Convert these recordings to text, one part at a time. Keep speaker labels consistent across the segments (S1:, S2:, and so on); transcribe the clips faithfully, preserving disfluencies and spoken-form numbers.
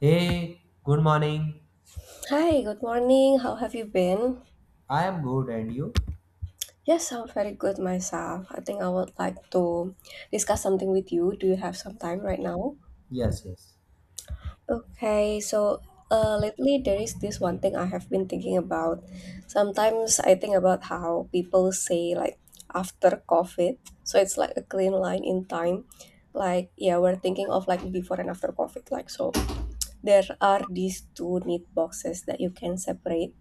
S1: Hey, good morning.
S2: Hi, good morning. How have you been?
S1: I am good, and you?
S2: Yes, I'm very good myself. I think I would like to discuss something with you. Do you have some time right now?
S1: Yes, yes.
S2: Okay, so uh, lately there is this one thing I have been thinking about. Sometimes I think about how people say like after COVID, so it's like a clean line in time. Like yeah, we're thinking of like before and after COVID. Like so, there are these two neat boxes that you can separate,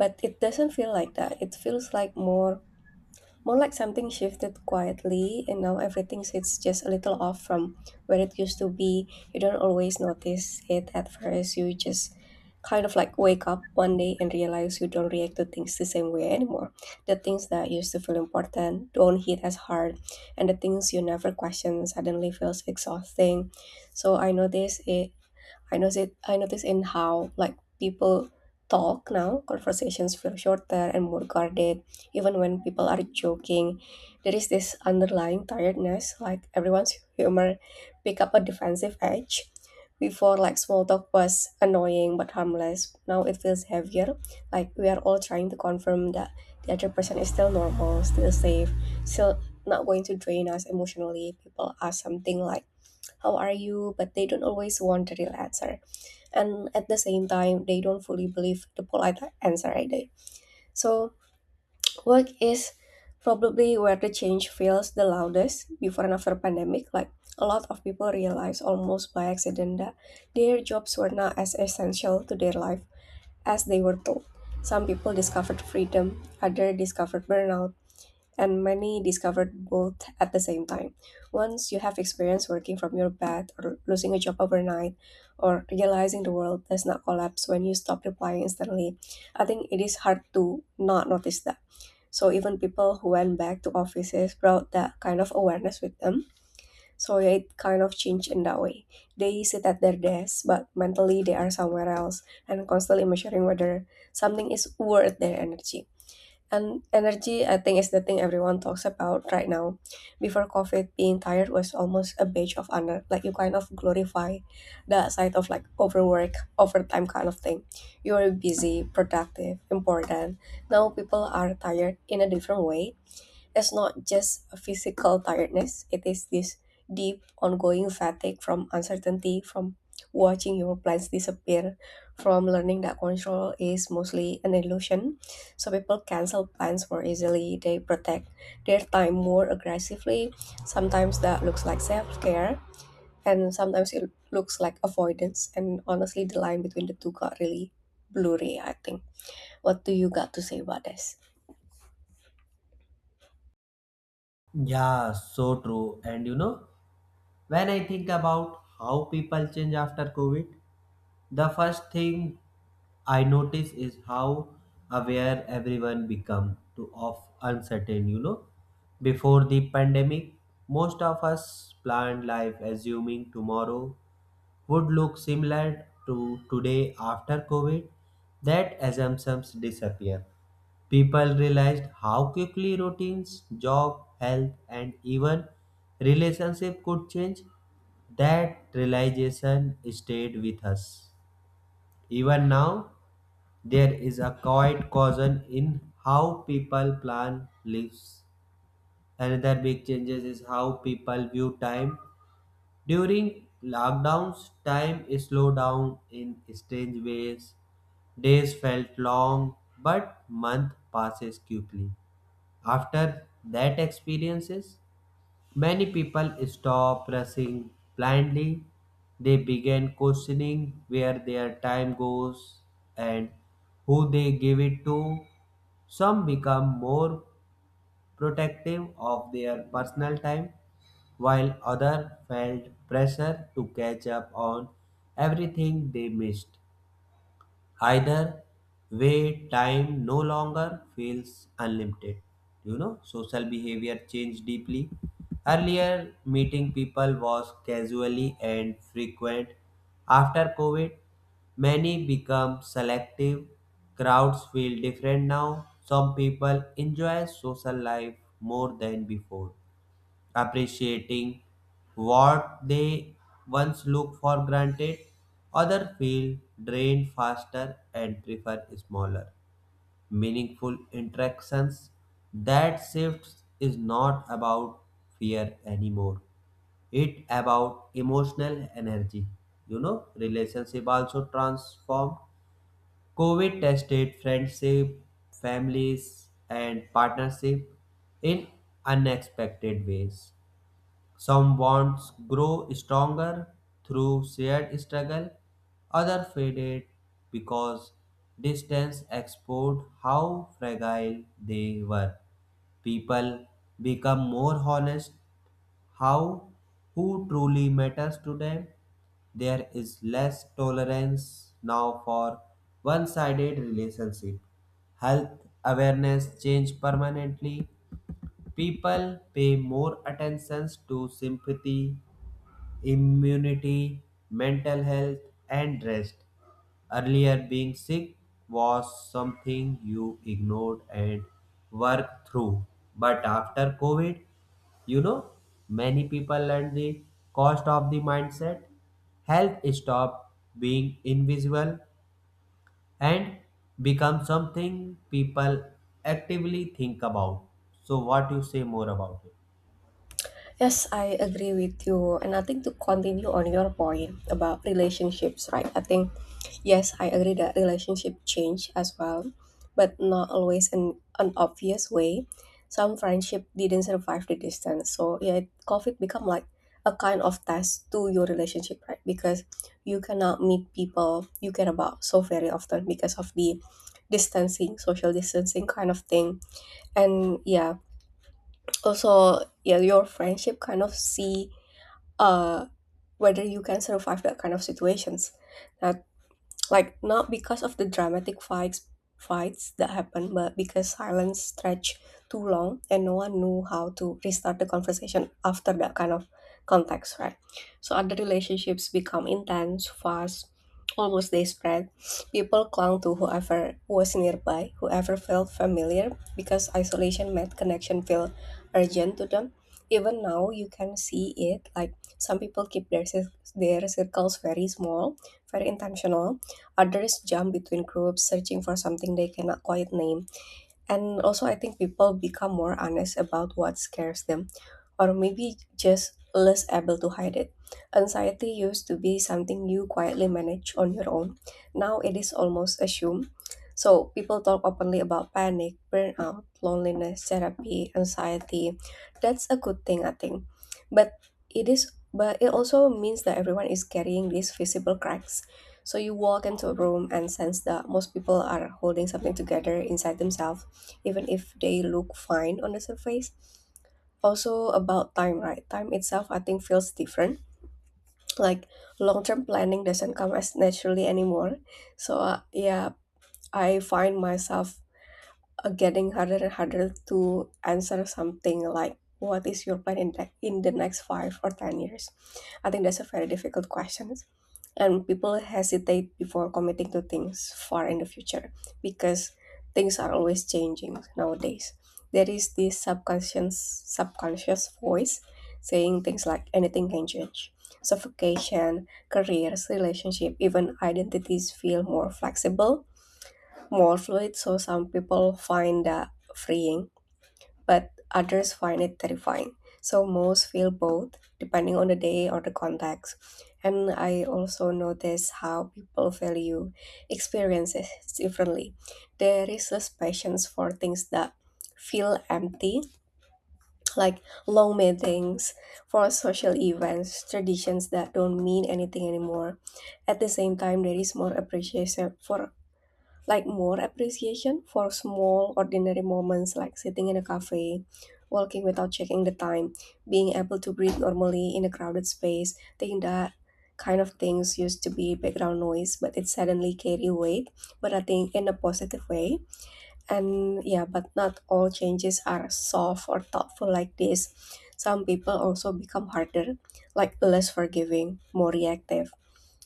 S2: but it doesn't feel like that. It feels like more More like something shifted quietly, and now everything sits just a little off from where it used to be. You don't always notice it at first. You just kind of like wake up one day and realize you don't react to things the same way anymore. The things that used to feel important don't hit as hard, and the things you never question suddenly feels exhausting. So I noticed it I notice I notice in how like people talk now. Conversations feel shorter and more guarded. Even when people are joking, there is this underlying tiredness. Like everyone's humor pick up a defensive edge. Before, like small talk was annoying but harmless. Now it feels heavier. Like we are all trying to confirm that the other person is still normal, still safe, still not going to drain us emotionally. People ask something like, how are you? But they don't always want the real answer, and at the same time they don't fully believe the polite answer either. So work is probably where the change feels the loudest before and after pandemic. Like a lot of people realize almost by accident that their jobs were not as essential to their life as they were told. Some people discovered freedom, others discovered burnout, and many discovered both at the same time. Once you have experience working from your bed or losing a job overnight or realizing the world does not collapse when you stop replying instantly, I think it is hard to not notice that. So even people who went back to offices brought that kind of awareness with them. So it kind of changed in that way. They sit at their desk, but mentally they are somewhere else and constantly measuring whether something is worth their energy. And energy, I think, is the thing everyone talks about right now. Before COVID, being tired was almost a badge of honor. Like you kind of glorify the side of like overwork, overtime kind of thing. You are busy, productive, important. Now people are tired in a different way. It's not just a physical tiredness, it is this deep, ongoing fatigue from uncertainty, from watching your plans disappear, from learning that control is mostly an illusion. So people cancel plans more easily, they protect their time more aggressively. Sometimes that looks like self care, and sometimes it looks like avoidance. And honestly, the line between the two got really blurry, I think. What do you got to say about this?
S1: Yeah, so true. And you know, when I think about how people change after COVID, the first thing I notice is how aware everyone become to of uncertain, you know. Before the pandemic, most of us planned life assuming tomorrow would look similar to today after COVID. That assumptions disappear. People realized how quickly routines, job, health, and even relationship could change. That realization stayed with us. Even now, there is a quiet caution in how people plan lives. Another big changes is how people view time. During lockdowns, time slowed down in strange ways. Days felt long, but month passes quickly. After that experiences, many people stop rushing blindly. They begin questioning where their time goes and who they give it to. Some become more protective of their personal time, while others felt pressure to catch up on everything they missed. Either way, time no longer feels unlimited. You know, social behavior changed deeply. Earlier, meeting people was casually and frequent. After COVID, many become selective. Crowds feel different now. Some people enjoy social life more than before, appreciating what they once look for granted. Others feel drained faster and prefer smaller, meaningful interactions. That shift is not about fear anymore. It about emotional energy. You know, relationship also transformed. COVID tested friendship, families, and partnership in unexpected ways. Some bonds grow stronger through shared struggle, others faded because distance exposed how fragile they were. People become more honest how who truly matters to them. There is less tolerance now for one-sided relationship. Health awareness change permanently. People pay more attention to sympathy, immunity, mental health, and rest. Earlier, being sick was something you ignored and worked through. But after COVID, you know, many people learned the cost of the mindset. Health stopped being invisible and become something people actively think about. So, what you say more about it?
S2: Yes, I agree with you. And I think to continue on your point about relationships, right? I think, yes, I agree that relationship change as well, but not always in an obvious way. Some friendship didn't survive the distance. So yeah, COVID become like a kind of test to your relationship, right? Because you cannot meet people you care about so very often because of the distancing, social distancing kind of thing. And yeah, also yeah, your friendship kind of see uh, whether you can survive that kind of situations. That like not because of the dramatic fights fights that happened, but because silence stretched too long and no one knew how to restart the conversation after that kind of context, right? So other relationships become intense, fast, almost they spread. People clung to whoever was nearby, whoever felt familiar, because isolation made connection feel urgent to them. Even now, you can see it. Like some people keep their cir- their circles very small, very intentional. Others jump between groups, searching for something they cannot quite name. And also, I think people become more honest about what scares them, or maybe just less able to hide it. Anxiety used to be something you quietly manage on your own. Now it is almost assumed. So people talk openly about panic, burnout, loneliness, therapy, anxiety. That's a good thing, I think. But it is but it also means that everyone is carrying these visible cracks. So you walk into a room and sense that most people are holding something together inside themselves even if they look fine on the surface. Also about time, right? Time itself, I think, feels different. Like long-term planning doesn't come as naturally anymore. So uh, yeah, I find myself uh, getting harder and harder to answer something like, "What is your plan in the in the next five or ten years?" I think that's a very difficult question, and people hesitate before committing to things far in the future because things are always changing nowadays. There is this subconscious subconscious voice saying things like anything can change. So vacation, careers, relationship, even identities feel more flexible, more fluid. So some people find that freeing, but others find it terrifying. So most feel both, depending on the day or the context. And I also notice how people value experiences differently. There is less patience for things that feel empty, like long meetings, for social events, traditions that don't mean anything anymore. At the same time, there is more appreciation for like more appreciation for small ordinary moments like sitting in a cafe, walking without checking the time, being able to breathe normally in a crowded space. Thinking that kind of things used to be background noise, but it suddenly carry weight, but I think in a positive way. And yeah, but not all changes are soft or thoughtful like this. Some people also become harder, like less forgiving, more reactive.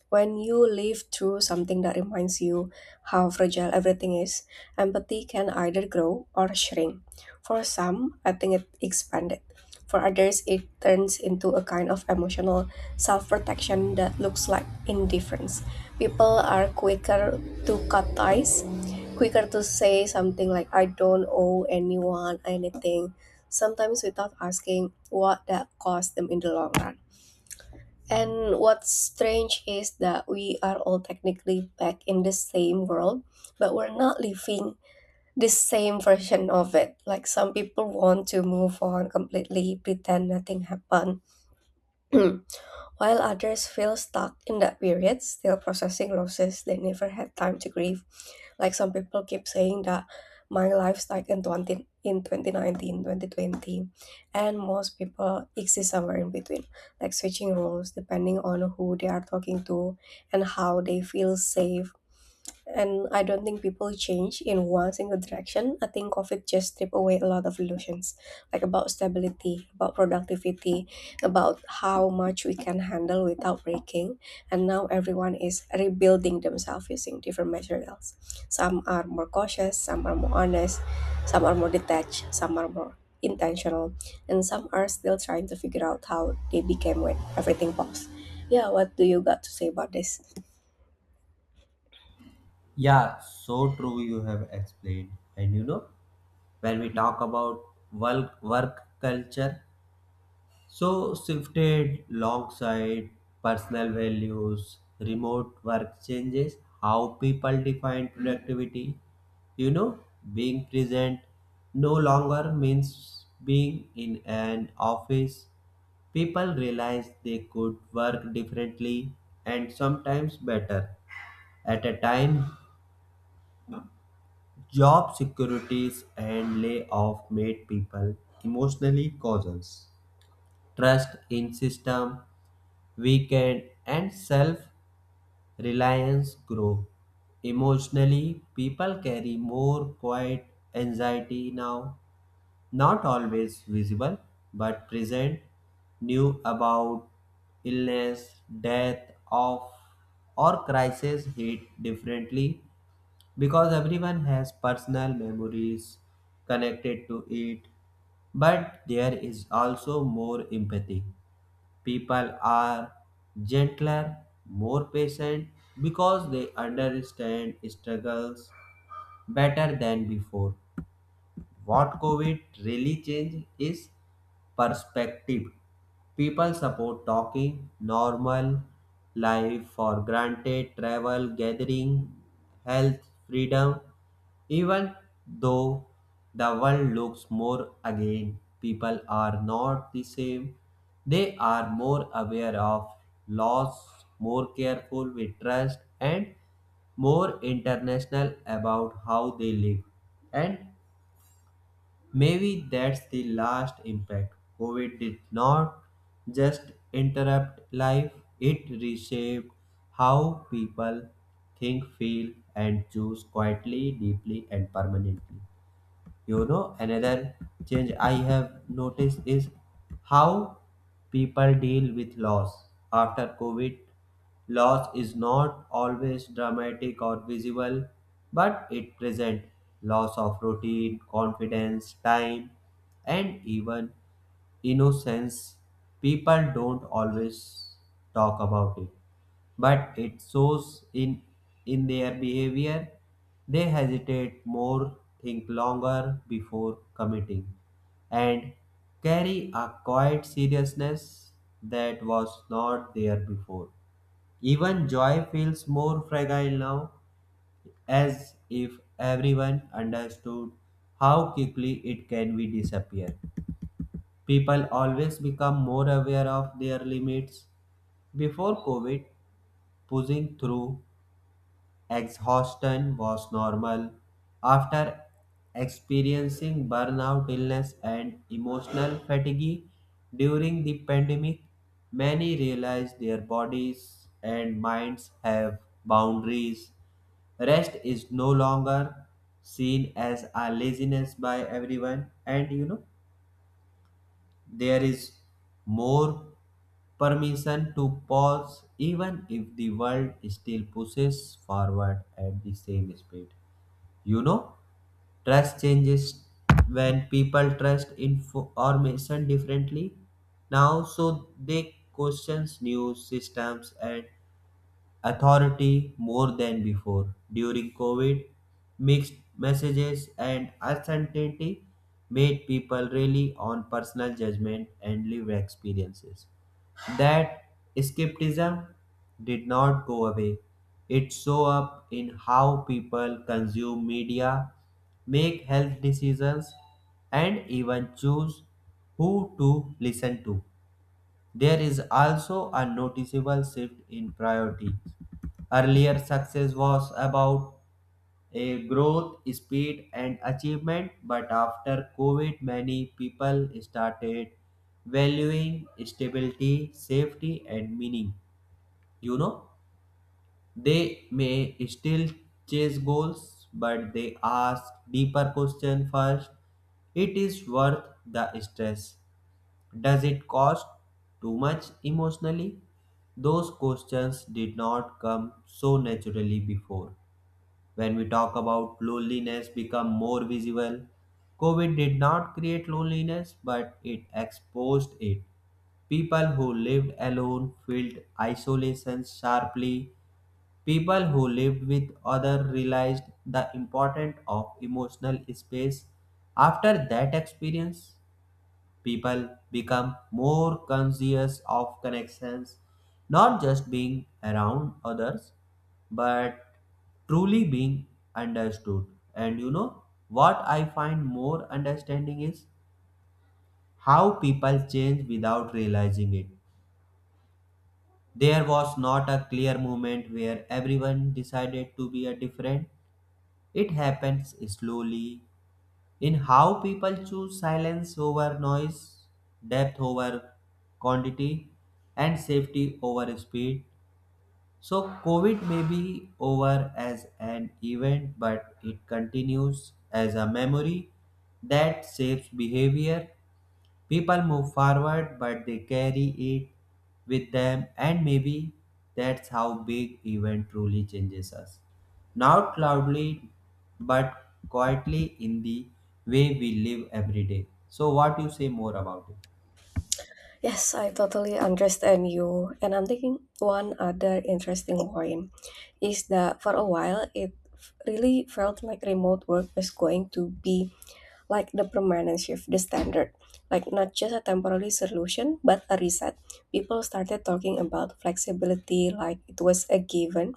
S2: When you live through something that reminds you how fragile everything is, empathy can either grow or shrink. For some, I think it expanded. For others, it turns into a kind of emotional self protection that looks like indifference. People are quicker to cut ties, quicker to say something like, I don't owe anyone anything, sometimes without asking what that cost them in the long run. And what's strange is that we are all technically back in the same world, but we're not living the same version of it. Like some people want to move on completely, pretend nothing happened. While others feel stuck in that period, still processing losses they never had time to grieve. Like some people keep saying that my life stuck in twenty, in twenty nineteen twenty twenty, and most people exist somewhere in between, like switching roles depending on who they are talking to and how they feel safe. And I don't think people change in one single direction. I think COVID just stripped away a lot of illusions, like about stability, about productivity, about how much we can handle without breaking. And now everyone is rebuilding themselves using different materials. Some are more cautious, some are more honest, some are more detached, some are more intentional, and some are still trying to figure out how they became when everything paused. Yeah, what do you got to say about this?
S1: Yeah, so true you have explained. And you know, when we talk about work, work culture. So, shifted alongside personal values, remote work changes how people define productivity. You know, being present no longer means being in an office. People realized they could work differently and sometimes better at a time. Job securities and layoff made people emotionally cautious. Trust in system weakened and self-reliance grew. Emotionally, people carry more quiet anxiety now, not always visible, but present, new about illness, death, of or crisis hit differently because everyone has personal memories connected to it. But there is also more empathy. People are gentler, more patient because they understand struggles better than before. What COVID really changed is perspective. People support talking normal life for granted, travel, gathering, health, freedom. Even though the world looks more again, people are not the same. They are more aware of loss, more careful with trust, and more international about how they live. And maybe that's the last impact. COVID did not just interrupt life, it reshaped how people think, feel, and choose quietly, deeply, and permanently. You know, another change I have noticed is how people deal with loss after COVID. Loss is not always dramatic or visible, but it present. Loss of routine, confidence, time, and even innocence, people don't always talk about it, but it shows in in their behavior. They hesitate more, think longer before committing, and carry a quiet seriousness that was not there before. Even joy feels more fragile now, as if everyone understood how quickly it can be disappear. People always become more aware of their limits. Before COVID, pushing through exhaustion was normal. After experiencing burnout, illness, and emotional fatigue during the pandemic, many realize their bodies and minds have boundaries. Rest is no longer seen as a laziness by everyone, and you know there is more permission to pause even if the world still pushes forward at the same speed. You know, trust changes when people trust information differently now, so they questions new systems and authority more than before. During COVID, mixed messages and uncertainty made people rely on personal judgment and lived experiences. That skepticism did not go away. It showed up in how people consume media, make health decisions, and even choose who to listen to. There is also a noticeable shift in priorities. Earlier, success was about a growth, speed, and achievement, but after COVID, many people started valuing stability, safety, and meaning. You know, they may still chase goals, but they ask deeper question first. It is worth the stress. Does it cost too much emotionally? Those questions did not come so naturally before. When we talk about loneliness become more visible, COVID did not create loneliness but it exposed it. People who lived alone felt isolation sharply. People who lived with others realized the importance of emotional space. After that experience, people become more conscious of connections, not just being around others, but truly being understood. And you know what I find more understanding is how people change without realizing it. There was not a clear moment where everyone decided to be a different. It happens slowly in how people choose silence over noise, depth over quantity, and safety over speed. So, COVID may be over as an event, but it continues as a memory that shapes behavior. People move forward, but they carry it with them, and maybe that's how big event truly changes us. Not loudly, but quietly in the way we live every day. So, what you say more about it?
S2: Yes, I totally understand you. And I'm thinking one other interesting point is that for a while it f- really felt like remote work was going to be like the permanent shift, the standard. Like not just a temporary solution, but a reset. People started talking about flexibility like it was a given,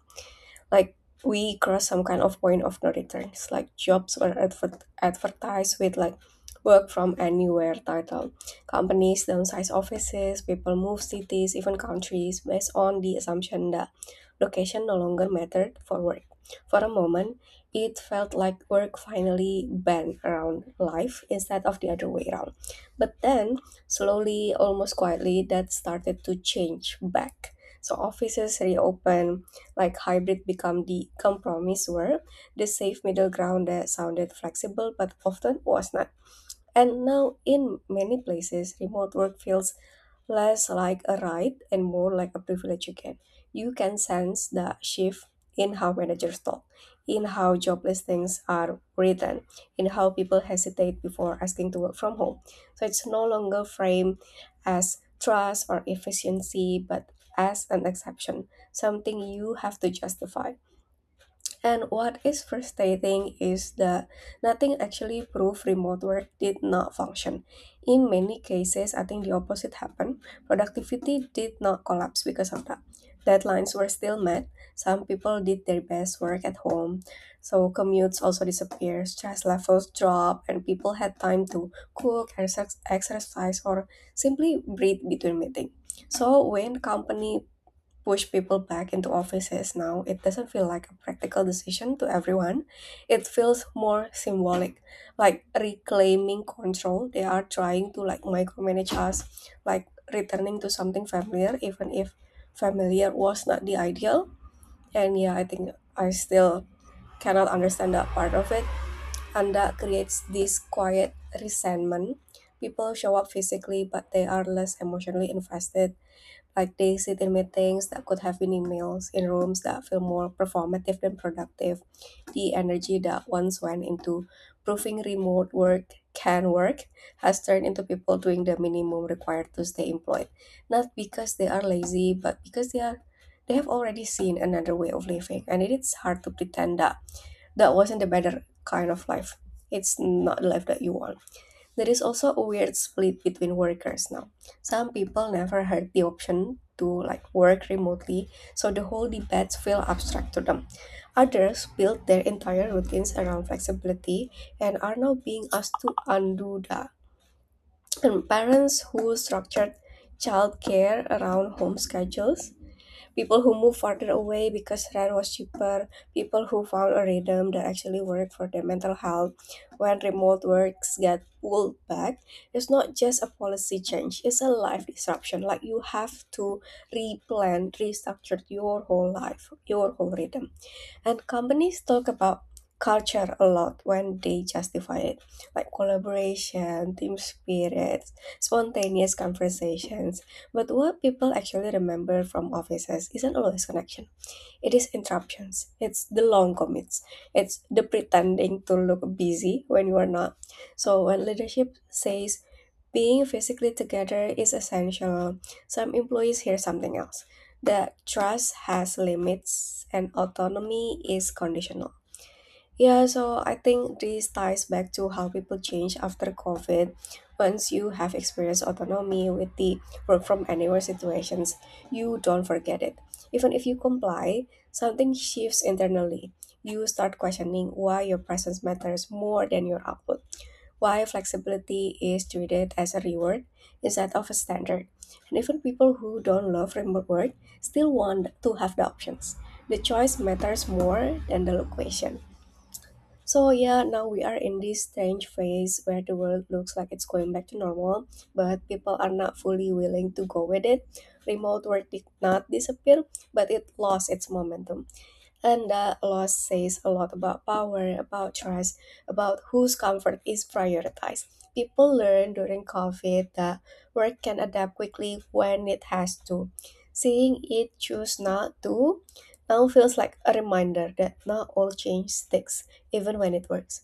S2: like we cross some kind of point of no returns. Like jobs were adver- advertised with like work from anywhere title. Companies downsize offices, people move cities, even countries, based on the assumption that location no longer mattered for work. For a moment it felt like work finally bent around life instead of the other way around. But then slowly, almost quietly, that started to change back. So offices reopened, like hybrid become the compromise, where the safe middle ground that sounded flexible but often was not. And now, in many places, remote work feels less like a right and more like a privilege you get. You can sense the shift in how managers talk, in how job listings are written, in how people hesitate before asking to work from home. So it's no longer framed as trust or efficiency, but as an exception, something you have to justify. And what is frustrating is that nothing actually proved remote work did not function. In many cases, I think the opposite happened. Productivity did not collapse because of that. Deadlines were still met. Some people did their best work at home. So commutes also disappeared, stress levels dropped, and people had time to cook, exerc- exercise, or simply breathe between meetings. So when company push people back into offices now, it doesn't feel like a practical decision to everyone. It feels more symbolic, like reclaiming control. They are trying to like micromanage us, like returning to something familiar, even if familiar was not the ideal. And yeah, I think I still cannot understand that part of it. And that creates this quiet resentment. People show up physically, but they are less emotionally invested like they sit in meetings that could have been emails, in rooms that feel more performative than productive. The energy that once went into proving remote work can work has turned into people doing the minimum required to stay employed. Not because they are lazy, but because they are they have already seen another way of living. And it is hard to pretend that that wasn't the better kind of life. It's not the life that you want. There is also a weird split between workers now. Some people never had the option to like work remotely, so the whole debates feel abstract to them. Others build their entire routines around flexibility and are now being asked to undo that. And parents who structured childcare around home schedules people who moved farther away because rent was cheaper, people who found a rhythm that actually worked for their mental health. When remote works get pulled back, it's not just a policy change, it's a life disruption. Like you have to replan, restructure your whole life, your whole rhythm. And companies talk about culture a lot when they justify it, like collaboration, team spirit, spontaneous conversations. But what people actually remember from offices isn't always connection. It is interruptions. It's the long commits. It's the pretending to look busy when you are not. So when leadership says being physically together is essential. Some employees hear something else. The trust has limits and autonomy is conditional. Yeah, so I think this ties back to how people change after COVID. Once you have experienced autonomy with the work from anywhere situations, you don't forget it. Even if you comply, something shifts internally. You start questioning why your presence matters more than your output why flexibility is treated as a reward instead of a standard. And even people who don't love remote work still want to have the options. The choice matters more than the location. So yeah, now we are in this strange phase where the world looks like it's going back to normal, but people are not fully willing to go with it. Remote work did not disappear, but it lost its momentum. And that loss says a lot about power, about trust, about whose comfort is prioritized. People learn during COVID that work can adapt quickly when it has to. Seeing it choose not to now feels like a reminder that not all change sticks, even when it works.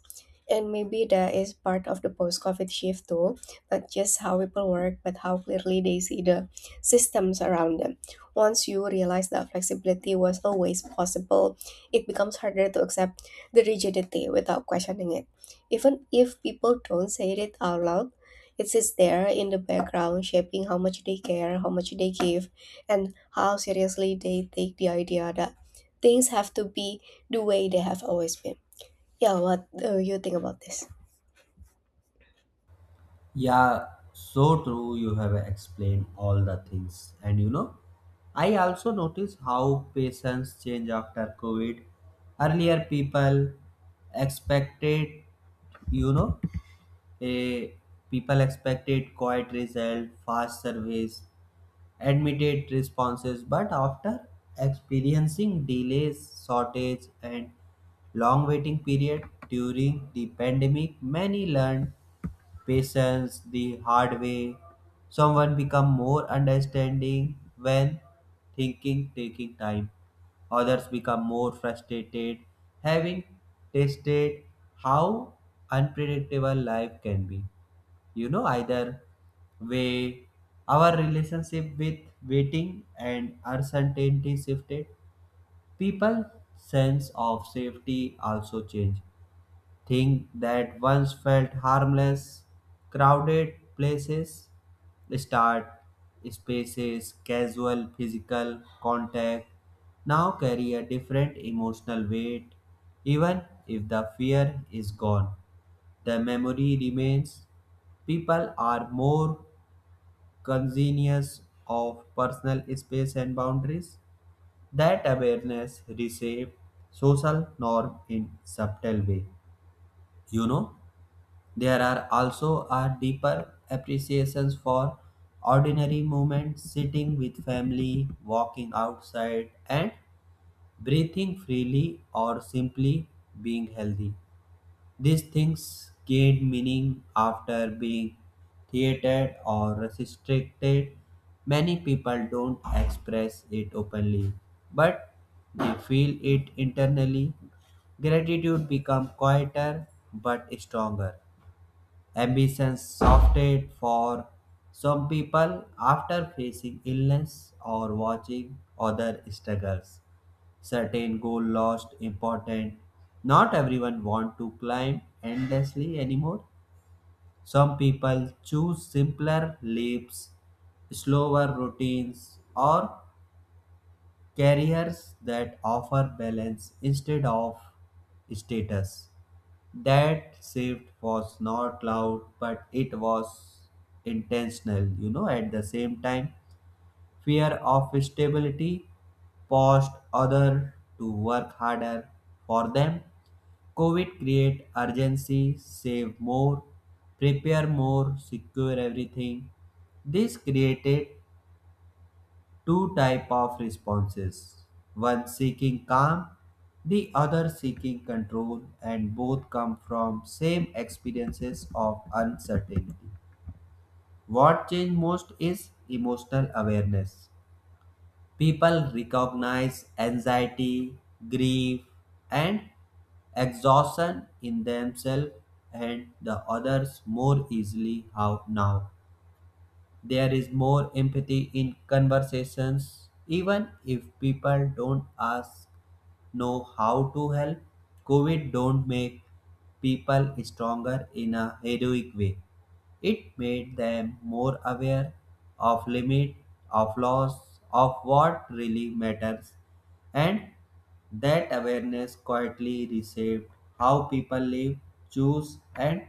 S2: And maybe that is part of the post COVID shift too, not just how people work, but how clearly they see the systems around them. Once you realize that flexibility was always possible, it becomes harder to accept the rigidity without questioning it. Even if people don't say it out loud, it sits there in the background, shaping how much they care, how much they give, and how seriously they take the idea that things have to be the way they have always been. Yeah, what do you think about this?
S1: Yeah, so true. You have explained all the things. And you know, I also notice how patients change after COVID. Earlier, people expected, you know, a people expected quiet result, fast service, immediate responses, but after experiencing delays, shortage, and long waiting period during the pandemic, many learned patience the hard way. Someone become more understanding when thinking taking time. Others become more frustrated having tasted how unpredictable life can be. You know, either way our relationship with waiting and uncertainty shifted. People sense of safety also changed. Things that once felt harmless, crowded places, start spaces, casual physical contact, now carry a different emotional weight. Even if the fear is gone, the memory remains. People are more conscious of personal space and boundaries. That awareness reshapes social norm in subtle way. You know, there are also a deeper appreciations for ordinary moments, sitting with family, walking outside, and breathing freely or simply being healthy. These things gained meaning after being theatered or restricted. Many people don't express it openly, but they feel it internally. Gratitude becomes quieter but stronger. Ambition softened for some people after facing illness or watching other struggles. Certain goal lost important. Not everyone want to climb endlessly anymore. Some people choose simpler leaps, slower routines, or careers that offer balance instead of status. That shift was not loud but it was intentional. You know, at the same time fear of stability pushed others to work harder for them. COVID create urgency, save more, prepare more, secure everything. This created two type of responses, one seeking calm, the other seeking control, and both come from same experiences of uncertainty. What changed most is emotional awareness. People recognize anxiety, grief, and exhaustion in themselves and the others more easily how now. There is more empathy in conversations, even if people don't ask know how to help. COVID don't make people stronger in a heroic way. It made them more aware of limit, of loss, of what really matters, and that awareness quietly reshaped how people live, choose, and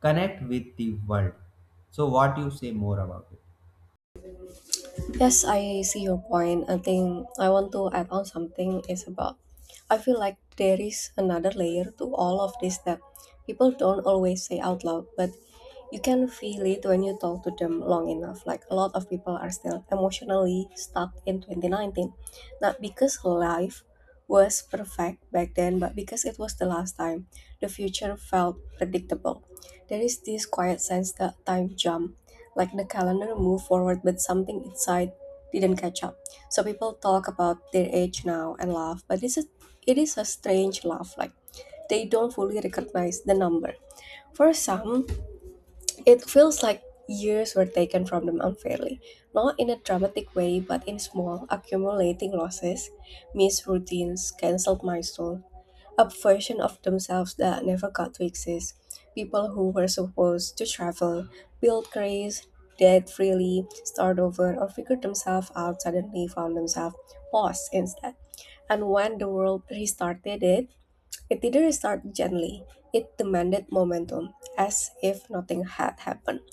S1: connect with the world. So, what you say more about it?
S2: Yes, I see your point. I think I want to add on something is about I feel like there is another layer to all of this that people don't always say out loud, but you can feel it when you talk to them long enough. Like a lot of people are still emotionally stuck in twenty nineteen. Not because life was perfect back then, but because it was the last time the future felt predictable. There is this quiet sense that time jump like the calendar moved forward but something inside didn't catch up so people talk about their age now and laugh but this is it is a strange laugh like they don't fully recognize the number for some it feels like years were taken from them unfairly not in a dramatic way but in small accumulating losses missed routines cancelled milestones a version of themselves that never got to exist. People who were supposed to travel, build careers, date freely, start over, or figure themselves out suddenly found themselves paused instead. And when the world restarted it, it didn't restart gently. It demanded momentum, as if nothing had happened.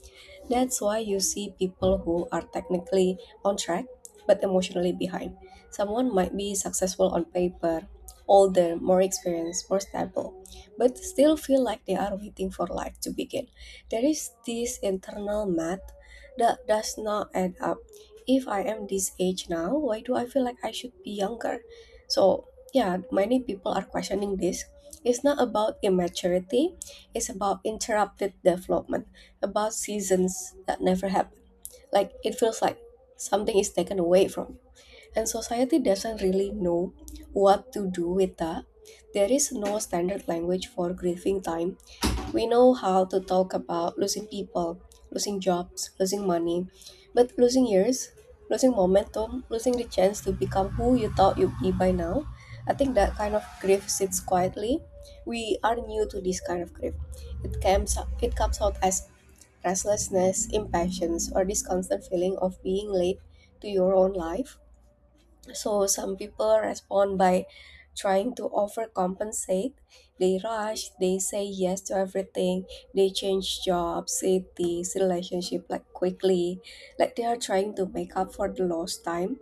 S2: That's why you see people who are technically on track but emotionally behind. Someone might be successful on paper, older, more experienced, more stable, but still feel like they are waiting for life to begin. There is this internal math that does not add up. If I am this age now, why do I feel like I should be younger? So, yeah, many people are questioning this. It's not about immaturity, it's about interrupted development about seasons that never happened, like it feels like something is taken away from you. And society doesn't really know what to do with that. There is no standard language for grieving time. We know how to talk about losing people, losing jobs, losing money, but losing years, losing momentum, losing the chance to become who you thought you'd be by now. I think that kind of grief sits quietly. We are new to this kind of grief. It comes it comes out as restlessness, impatience, or this constant feeling of being late to your own life. So some people respond by trying to overcompensate. They rush, they say yes to everything, they change jobs, cities, relationship like quickly, like they are trying to make up for the lost time,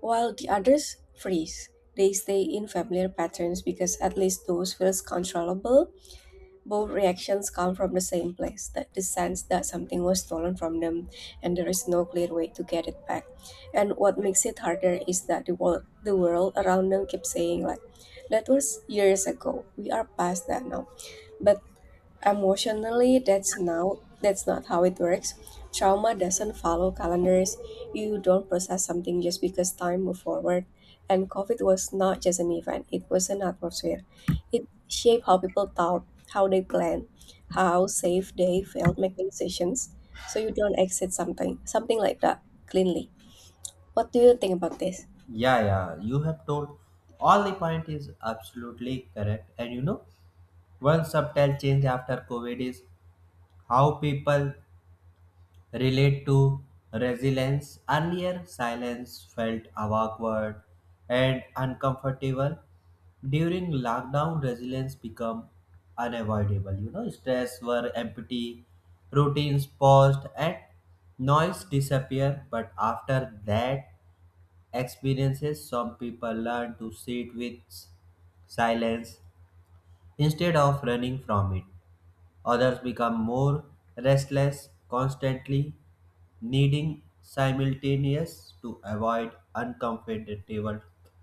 S2: while the others freeze. They stay in familiar patterns because at least those feels controllable both reactions come from the same place that the sense that something was stolen from them and there is no clear way to get it back. And what makes it harder is that the world, the world around them keeps saying, like, that was years ago, we are past that now. But emotionally, that's now that's not how it works. Trauma doesn't follow calendars. You don't process something just because time moved forward. And COVID was not just an event, it was an atmosphere. It shaped how people thought, how they planned, how safe they felt making decisions. So you don't exit something something like that cleanly. What do you think about this?
S1: Yeah, yeah, you have told all the point is absolutely correct, and you know, one subtle change after COVID is how people relate to resilience. Earlier, silence felt awkward and uncomfortable. During lockdown, resilience became unavoidable. You know, stress were empty, routines paused, and noise disappeared. But after that experiences, some people learn to sit with silence instead of running from it. Others become more restless, constantly needing simultaneous to avoid uncomfortable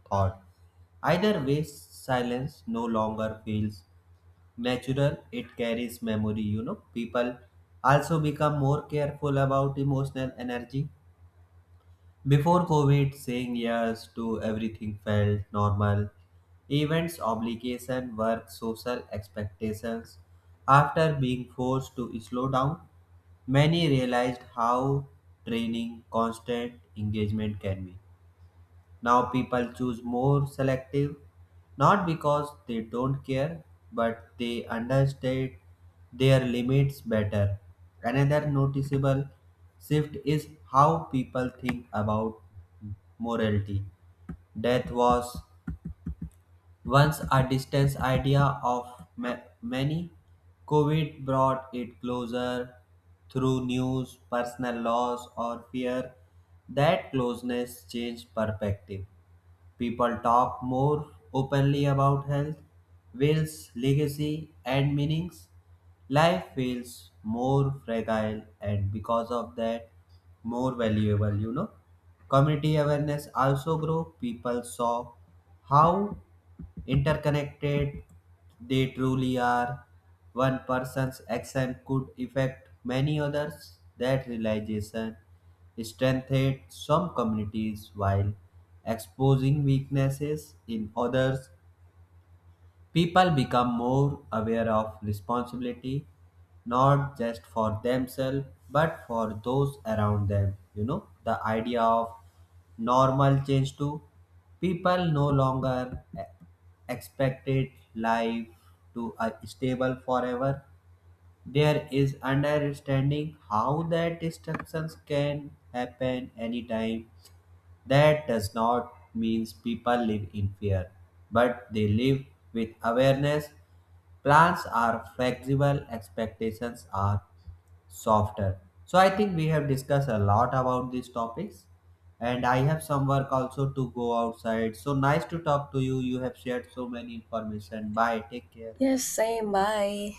S1: thought. Either way, silence no longer feels natural, it carries memory. You know, people also become more careful about emotional energy before COVID, saying yes to everything felt normal. Events, obligation, work, social expectations. After being forced to slow down, many realized how training constant engagement can be. Now people choose more selective, not because they don't care, but they understand their limits better. Another noticeable shift is how people think about morality. Death was once a distant idea of ma- many. COVID brought it closer through news, personal loss, or fear. That closeness changed perspective. People talk more openly about health, wills, legacy, and meanings. Life feels more fragile and because of that, more valuable, you know. Community awareness also grew. People saw how interconnected they truly are. One person's action could affect many others. That realization strengthened some communities while exposing weaknesses in others. People become more aware of responsibility, not just for themselves, but for those around them. You know, the idea of normal change too. People no longer e- expected life to uh, stable forever. There is understanding how that disruptions can happen anytime. That does not mean people live in fear, but they live with awareness. Plans are flexible, expectations are softer. So I think we have discussed a lot about these topics and I have some work also to go outside. So nice to talk to you. You have shared so many information. Bye. Take care.
S2: Yes, same. Bye.